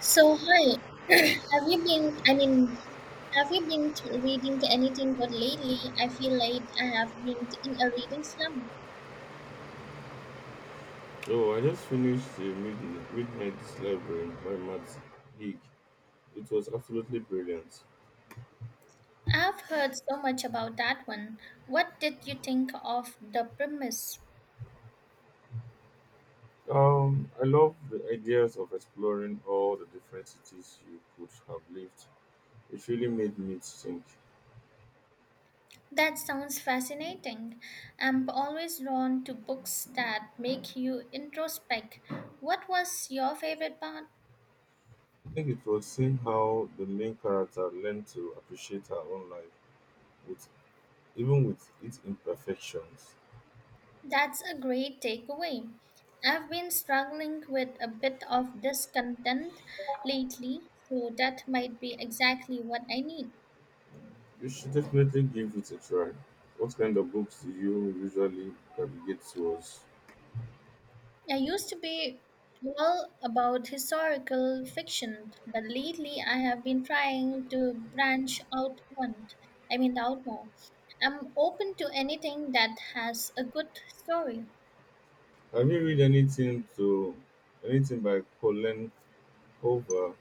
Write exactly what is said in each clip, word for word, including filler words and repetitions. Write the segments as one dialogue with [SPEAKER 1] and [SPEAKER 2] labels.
[SPEAKER 1] So, hi, have you been, I mean, have you been to reading anything good lately? I feel like I have been in a reading slump.
[SPEAKER 2] No, I just finished the mid- Midnight Library by Matt Haig. It was absolutely brilliant.
[SPEAKER 1] I've heard so much about that one. What did you think of the premise?
[SPEAKER 2] Um, I love the ideas of exploring all the different cities you could have lived. It really made me think.
[SPEAKER 1] That sounds fascinating. I'm always drawn to books that make you introspect. What was your favorite part?
[SPEAKER 2] I think it was seeing how the main character learned to appreciate her own life, with even with its imperfections.
[SPEAKER 1] That's a great takeaway. I've been struggling with a bit of discontent lately, so that might be exactly what I need.
[SPEAKER 2] You should definitely give it a try. What kind of books do you usually gravitate towards?
[SPEAKER 1] I used to be all about historical fiction, but lately I have been trying to branch out one. I mean out more. I'm open to anything that has a good story.
[SPEAKER 2] Have you read anything to anything by Colleen Hoover?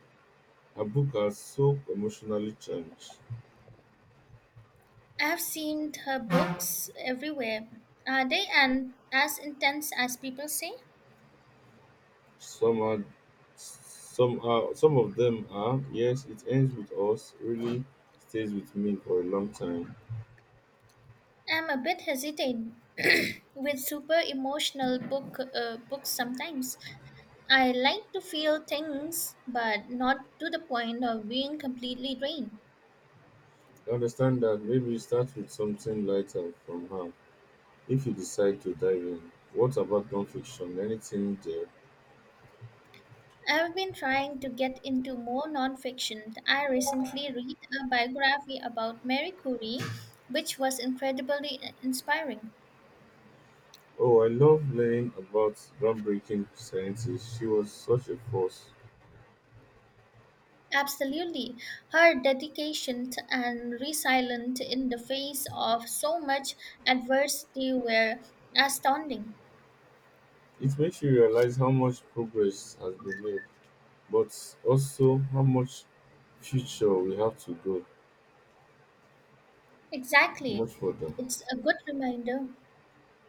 [SPEAKER 2] Her book are so emotionally charged.
[SPEAKER 1] I have seen her books everywhere. Are they and as intense as people say?
[SPEAKER 2] Some are, some are, some of them are. Yes, it ends with us. Really stays with me for a long time.
[SPEAKER 1] I'm a bit hesitant with super emotional book uh, books sometimes. I like to feel things, but not to the point of being completely drained.
[SPEAKER 2] I understand that maybe start with something lighter from her if you decide to dive in. What about nonfiction? Anything there?
[SPEAKER 1] I've been trying to get into more nonfiction. I recently read a biography about Marie Curie, which was incredibly inspiring.
[SPEAKER 2] Oh, I love learning about groundbreaking scientists. She was such a force.
[SPEAKER 1] Absolutely. Her dedication and resilience in the face of so much adversity were astounding.
[SPEAKER 2] It makes you realize how much progress has been made, but also how much future we have to go, how
[SPEAKER 1] Exactly.
[SPEAKER 2] much further.
[SPEAKER 1] It's a good reminder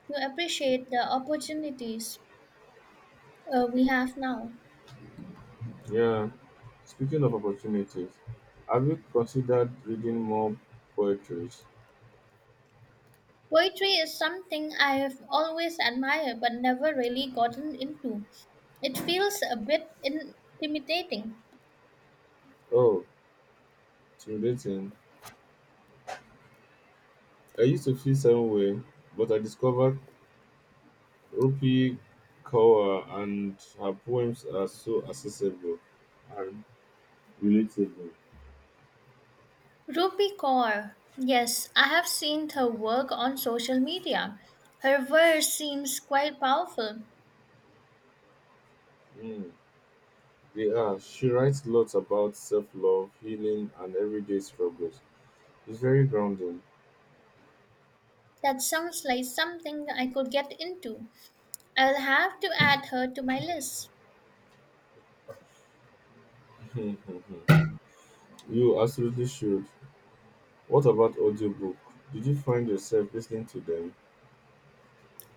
[SPEAKER 1] to appreciate the opportunities uh, we have now.
[SPEAKER 2] Yeah. Speaking of opportunities, have you considered reading more poetry?
[SPEAKER 1] Poetry is something I have always admired but never really gotten into. It feels a bit intimidating.
[SPEAKER 2] Oh, it's relating. I used to feel same way, but I discovered Rupi Kaur and her poems are so accessible and relatable.
[SPEAKER 1] Rupi Kaur. Yes, I have seen her work on social media. Her verse seems quite powerful.
[SPEAKER 2] Mm. They are. She writes lots about self love, healing, and everyday struggles. It's very grounding.
[SPEAKER 1] That sounds like something I could get into. I'll have to add her to my list.
[SPEAKER 2] you absolutely should. What about audiobook? Did you find yourself listening to them?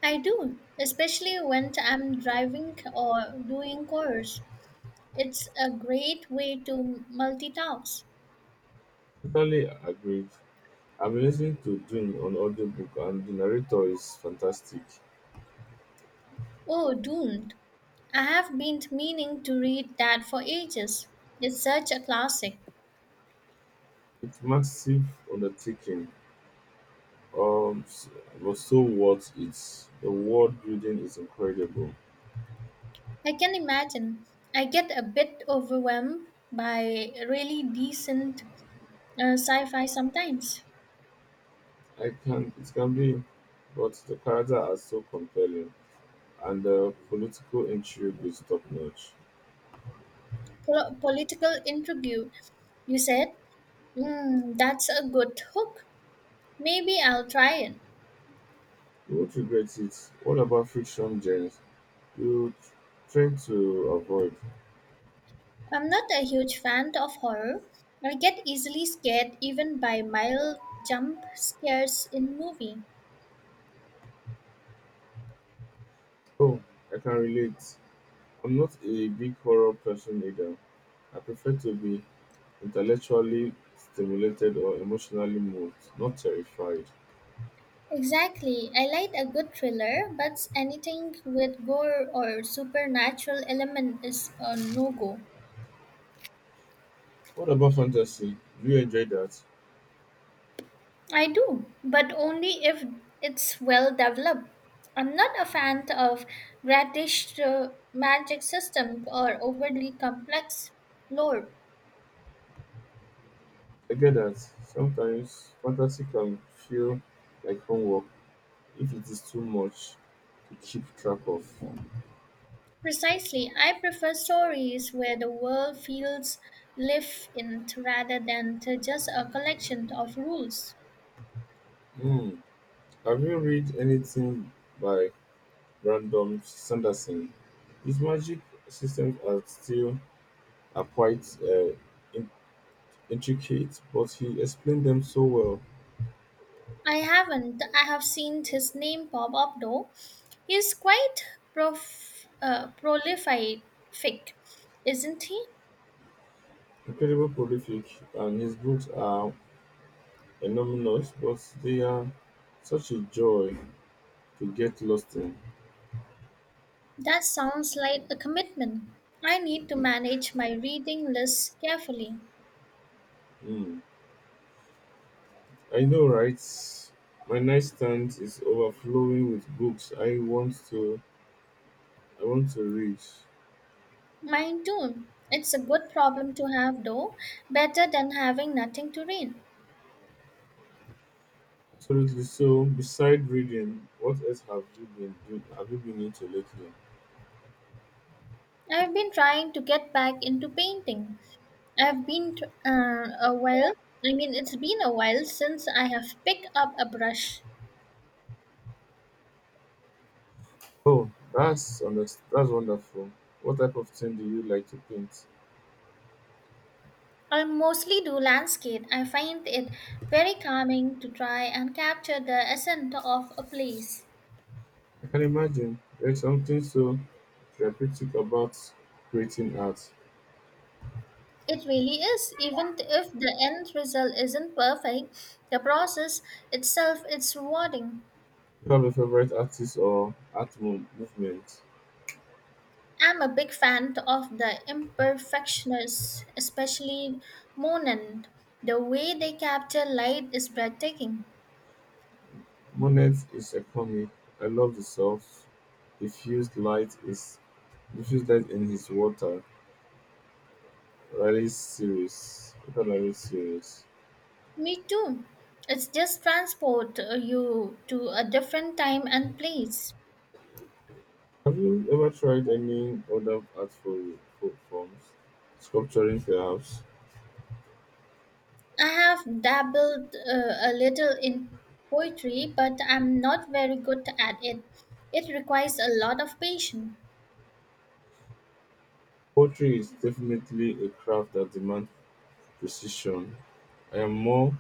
[SPEAKER 1] I do, especially when I'm driving or doing chores. It's a great way to multitask.
[SPEAKER 2] Totally agreed. I'm listening to Dune on audiobook, and the narrator is fantastic.
[SPEAKER 1] Oh, Doomed. I have been meaning to read that for ages. It's such a classic.
[SPEAKER 2] It's massive undertaking, um, s- but so worth it. The world building is incredible.
[SPEAKER 1] I can imagine. I get a bit overwhelmed by really decent uh, sci fi sometimes.
[SPEAKER 2] I can it can be, but the character are so compelling. And the political intrigue is top notch.
[SPEAKER 1] Pol- political intrigue, you said? Mm, that's a good hook. Maybe I'll try it.
[SPEAKER 2] You won't regret it. What about fiction James? You tend to avoid?
[SPEAKER 1] I'm not a huge fan of horror. I get easily scared even by mild jump scares in movie.
[SPEAKER 2] Oh, I can relate. I'm not a big horror person either. I prefer to be intellectually stimulated or emotionally moved, not terrified.
[SPEAKER 1] Exactly. I like a good thriller, but anything with gore or supernatural element is a no-go.
[SPEAKER 2] What about fantasy? Do you enjoy that?
[SPEAKER 1] I do, but only if it's well developed. I'm not a fan of gradish uh, magic system or overly complex lore.
[SPEAKER 2] I get that. Sometimes fantasy can feel like homework if it is too much to keep track of.
[SPEAKER 1] Precisely. I prefer stories where the world feels lived in rather than to just a collection of rules.
[SPEAKER 2] Hmm. Have you read anything by Brandon Sanderson? His magic systems are still are quite uh, in- intricate, but he explained them so well.
[SPEAKER 1] I haven't. I have seen his name pop up though. He's quite prof- uh, prolific, isn't he?
[SPEAKER 2] Incredible prolific, and his books are enormous, but they are such a joy to get lost in.
[SPEAKER 1] That sounds like a commitment. I need to manage my reading list carefully.
[SPEAKER 2] Hmm. I know, right? My nightstand is overflowing with books I want to I want to read.
[SPEAKER 1] Mine too. It's a good problem to have though, better than having nothing to read.
[SPEAKER 2] Absolutely. So, beside reading, what else have you been doing? Have you been into lately?
[SPEAKER 1] I've been trying to get back into painting. I've been t- uh, a while. I mean, it's been a while since I have picked up a brush.
[SPEAKER 2] Oh, that's underst- that's wonderful. What type of thing do you like to paint?
[SPEAKER 1] I mostly do landscape. I find it very calming to try and capture the essence of a place.
[SPEAKER 2] I can imagine there's something so therapeutic about creating art.
[SPEAKER 1] It really is, even if the end result isn't perfect, the process itself is rewarding.
[SPEAKER 2] Do you have a favorite artist or art mo- movement?
[SPEAKER 1] I'm a big fan of the imperfectionists, especially Monet. The way they capture light is breathtaking.
[SPEAKER 2] Monet is a comic. I love the soft, diffused light is diffused light in his water. Riley's series. Water Riley series.
[SPEAKER 1] Me too. It's just transport uh, you to a different time and place.
[SPEAKER 2] Have you ever tried any other artful fo- forms? Sculpturing, perhaps?
[SPEAKER 1] I have dabbled uh, a little in poetry, but I'm not very good at it. It requires a lot of patience.
[SPEAKER 2] Poetry is definitely a craft that demands precision. I am more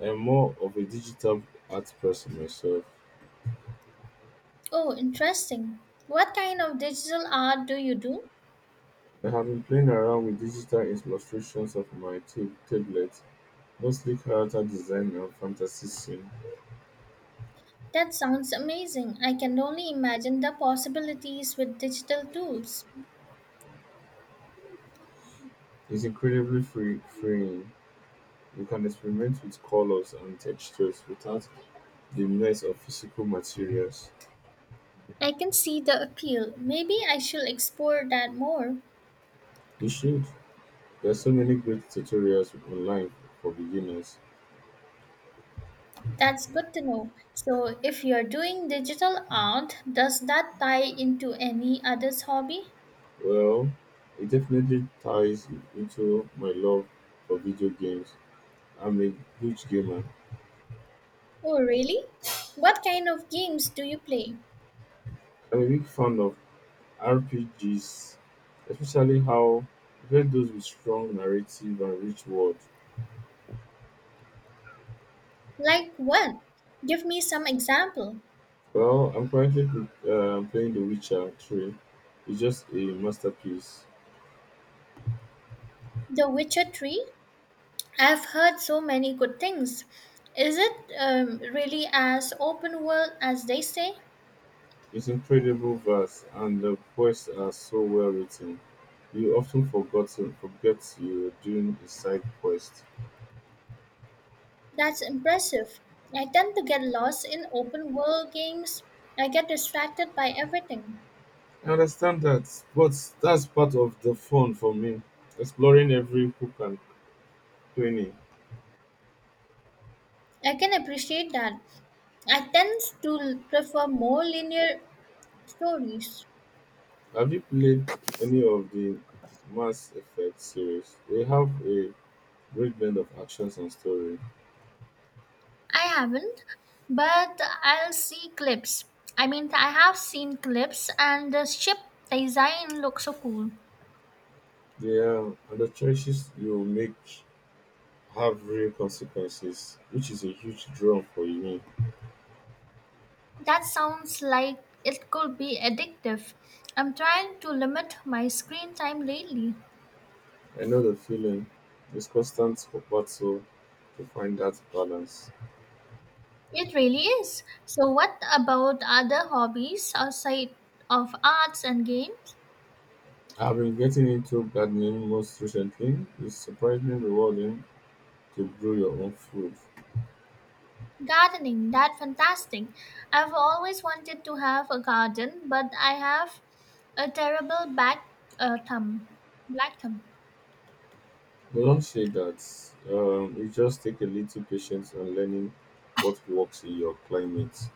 [SPEAKER 2] I am more of a digital art person myself.
[SPEAKER 1] Oh, interesting. What kind of digital art do you do?
[SPEAKER 2] I have been playing around with digital illustrations of my ta- tablet, mostly character design and fantasy scene.
[SPEAKER 1] That sounds amazing. I can only imagine the possibilities with digital tools.
[SPEAKER 2] It's incredibly free freeing. You can experiment with colors and textures without the mess of physical materials.
[SPEAKER 1] I can see the appeal. Maybe I should explore that more.
[SPEAKER 2] You should. There are so many great tutorials online for beginners.
[SPEAKER 1] That's good to know. So, if you're doing digital art, does that tie into any other's hobby?
[SPEAKER 2] Well, it definitely ties into my love for video games. I'm a huge gamer.
[SPEAKER 1] Oh, really? What kind of games do you play?
[SPEAKER 2] I'm a big fan of R P Gs, especially how especially those with strong narrative and rich world.
[SPEAKER 1] Like what? Give me some example.
[SPEAKER 2] Well, I'm currently uh, playing The Witcher three. It's just a masterpiece.
[SPEAKER 1] The Witcher three? I've heard so many good things. Is it um, really as open world as they say?
[SPEAKER 2] It's incredible verse and the poets are so well written. You often forgotten forget you're doing a side quest.
[SPEAKER 1] That's impressive. I tend to get lost in open world games. I get distracted by everything.
[SPEAKER 2] I understand that, but that's part of the fun for me. Exploring every hook and cranny.
[SPEAKER 1] I can appreciate that. I tend to prefer more linear stories.
[SPEAKER 2] Have you played any of the Mass Effect series? They have a great blend of actions and story.
[SPEAKER 1] I haven't, but I'll see clips. I mean, I have seen clips, and the ship design looks so cool.
[SPEAKER 2] They are, and the choices you make have real consequences, which is a huge draw for me.
[SPEAKER 1] That sounds like it could be addictive. I'm trying to limit my screen time lately.
[SPEAKER 2] I know the feeling. It's constant battle to find that balance.
[SPEAKER 1] It really is. So, what about other hobbies outside of arts and games?
[SPEAKER 2] I've been getting into gardening most recently. It's surprisingly rewarding to grow your own food.
[SPEAKER 1] Gardening, that's fantastic. I've always wanted to have a garden, but I have a terrible back uh, thumb, black thumb.
[SPEAKER 2] But don't say that. Um, it just takes a little patience and learning what works in your climate.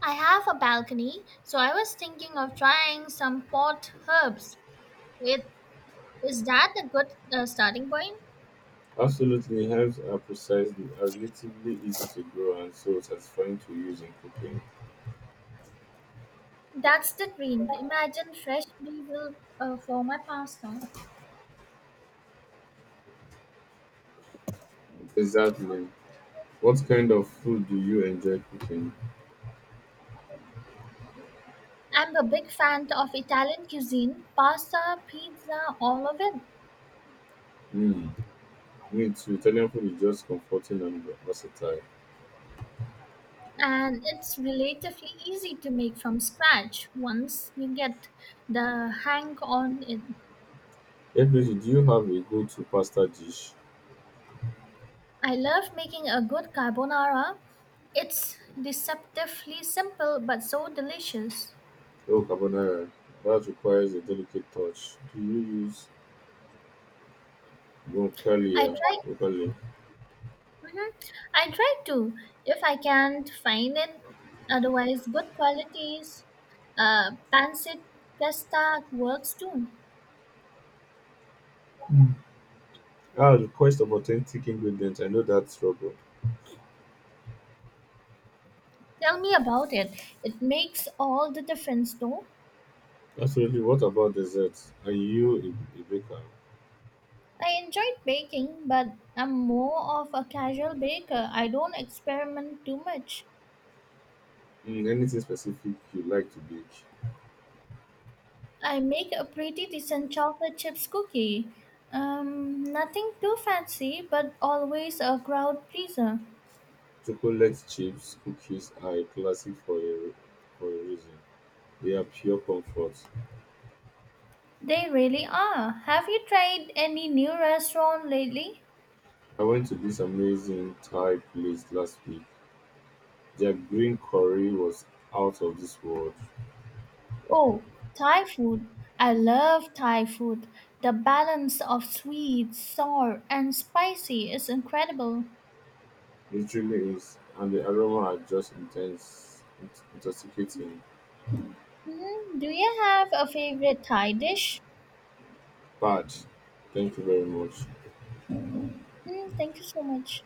[SPEAKER 1] I have a balcony, so I was thinking of trying some pot herbs. It, is that a good uh, starting point?
[SPEAKER 2] Absolutely, herbs are precise, are relatively easy to grow, and so satisfying to use in cooking.
[SPEAKER 1] That's the dream. Imagine fresh basil uh, for my pasta.
[SPEAKER 2] Exactly. What kind of food do you enjoy cooking?
[SPEAKER 1] I'm a big fan of Italian cuisine, pasta, pizza, all of it.
[SPEAKER 2] Hmm. Me too. Italian food is just comforting and versatile.
[SPEAKER 1] And it's relatively easy to make from scratch once you get the hang on it.
[SPEAKER 2] Hey, definitely, do you have a go-to pasta dish?
[SPEAKER 1] I love making a good carbonara. It's deceptively simple but so delicious.
[SPEAKER 2] Oh, carbonara. That requires a delicate touch. Do you use
[SPEAKER 1] I
[SPEAKER 2] guacamole?
[SPEAKER 1] try
[SPEAKER 2] Guacamole?
[SPEAKER 1] mhm, I try to if I can't find it. Otherwise, good qualities, uh, pancit pasta works too.
[SPEAKER 2] Mm. Ah, request of authentic ingredients. I know that struggle.
[SPEAKER 1] Tell me about it. It makes all the difference though.
[SPEAKER 2] Absolutely. What about desserts? Are you a, a baker?
[SPEAKER 1] I enjoyed baking, but I'm more of a casual baker. I don't experiment too much.
[SPEAKER 2] Mm, anything specific you like to bake?
[SPEAKER 1] I make a pretty decent chocolate chips cookie. Um, nothing too fancy, but always a crowd pleaser.
[SPEAKER 2] Chocolate chips, cookies are a classic for a, for a reason. They are pure comfort.
[SPEAKER 1] They really are. Have you tried any new restaurant lately?
[SPEAKER 2] I went to this amazing Thai place last week. Their green curry was out of this world.
[SPEAKER 1] Oh, Thai food. I love Thai food. The balance of sweet, sour, and spicy is incredible.
[SPEAKER 2] It really is, and the aroma are just intense, int- intoxicating.
[SPEAKER 1] Mm, do you have a favorite Thai dish?
[SPEAKER 2] Bad. Thank you very much.
[SPEAKER 1] Mm, thank you so much.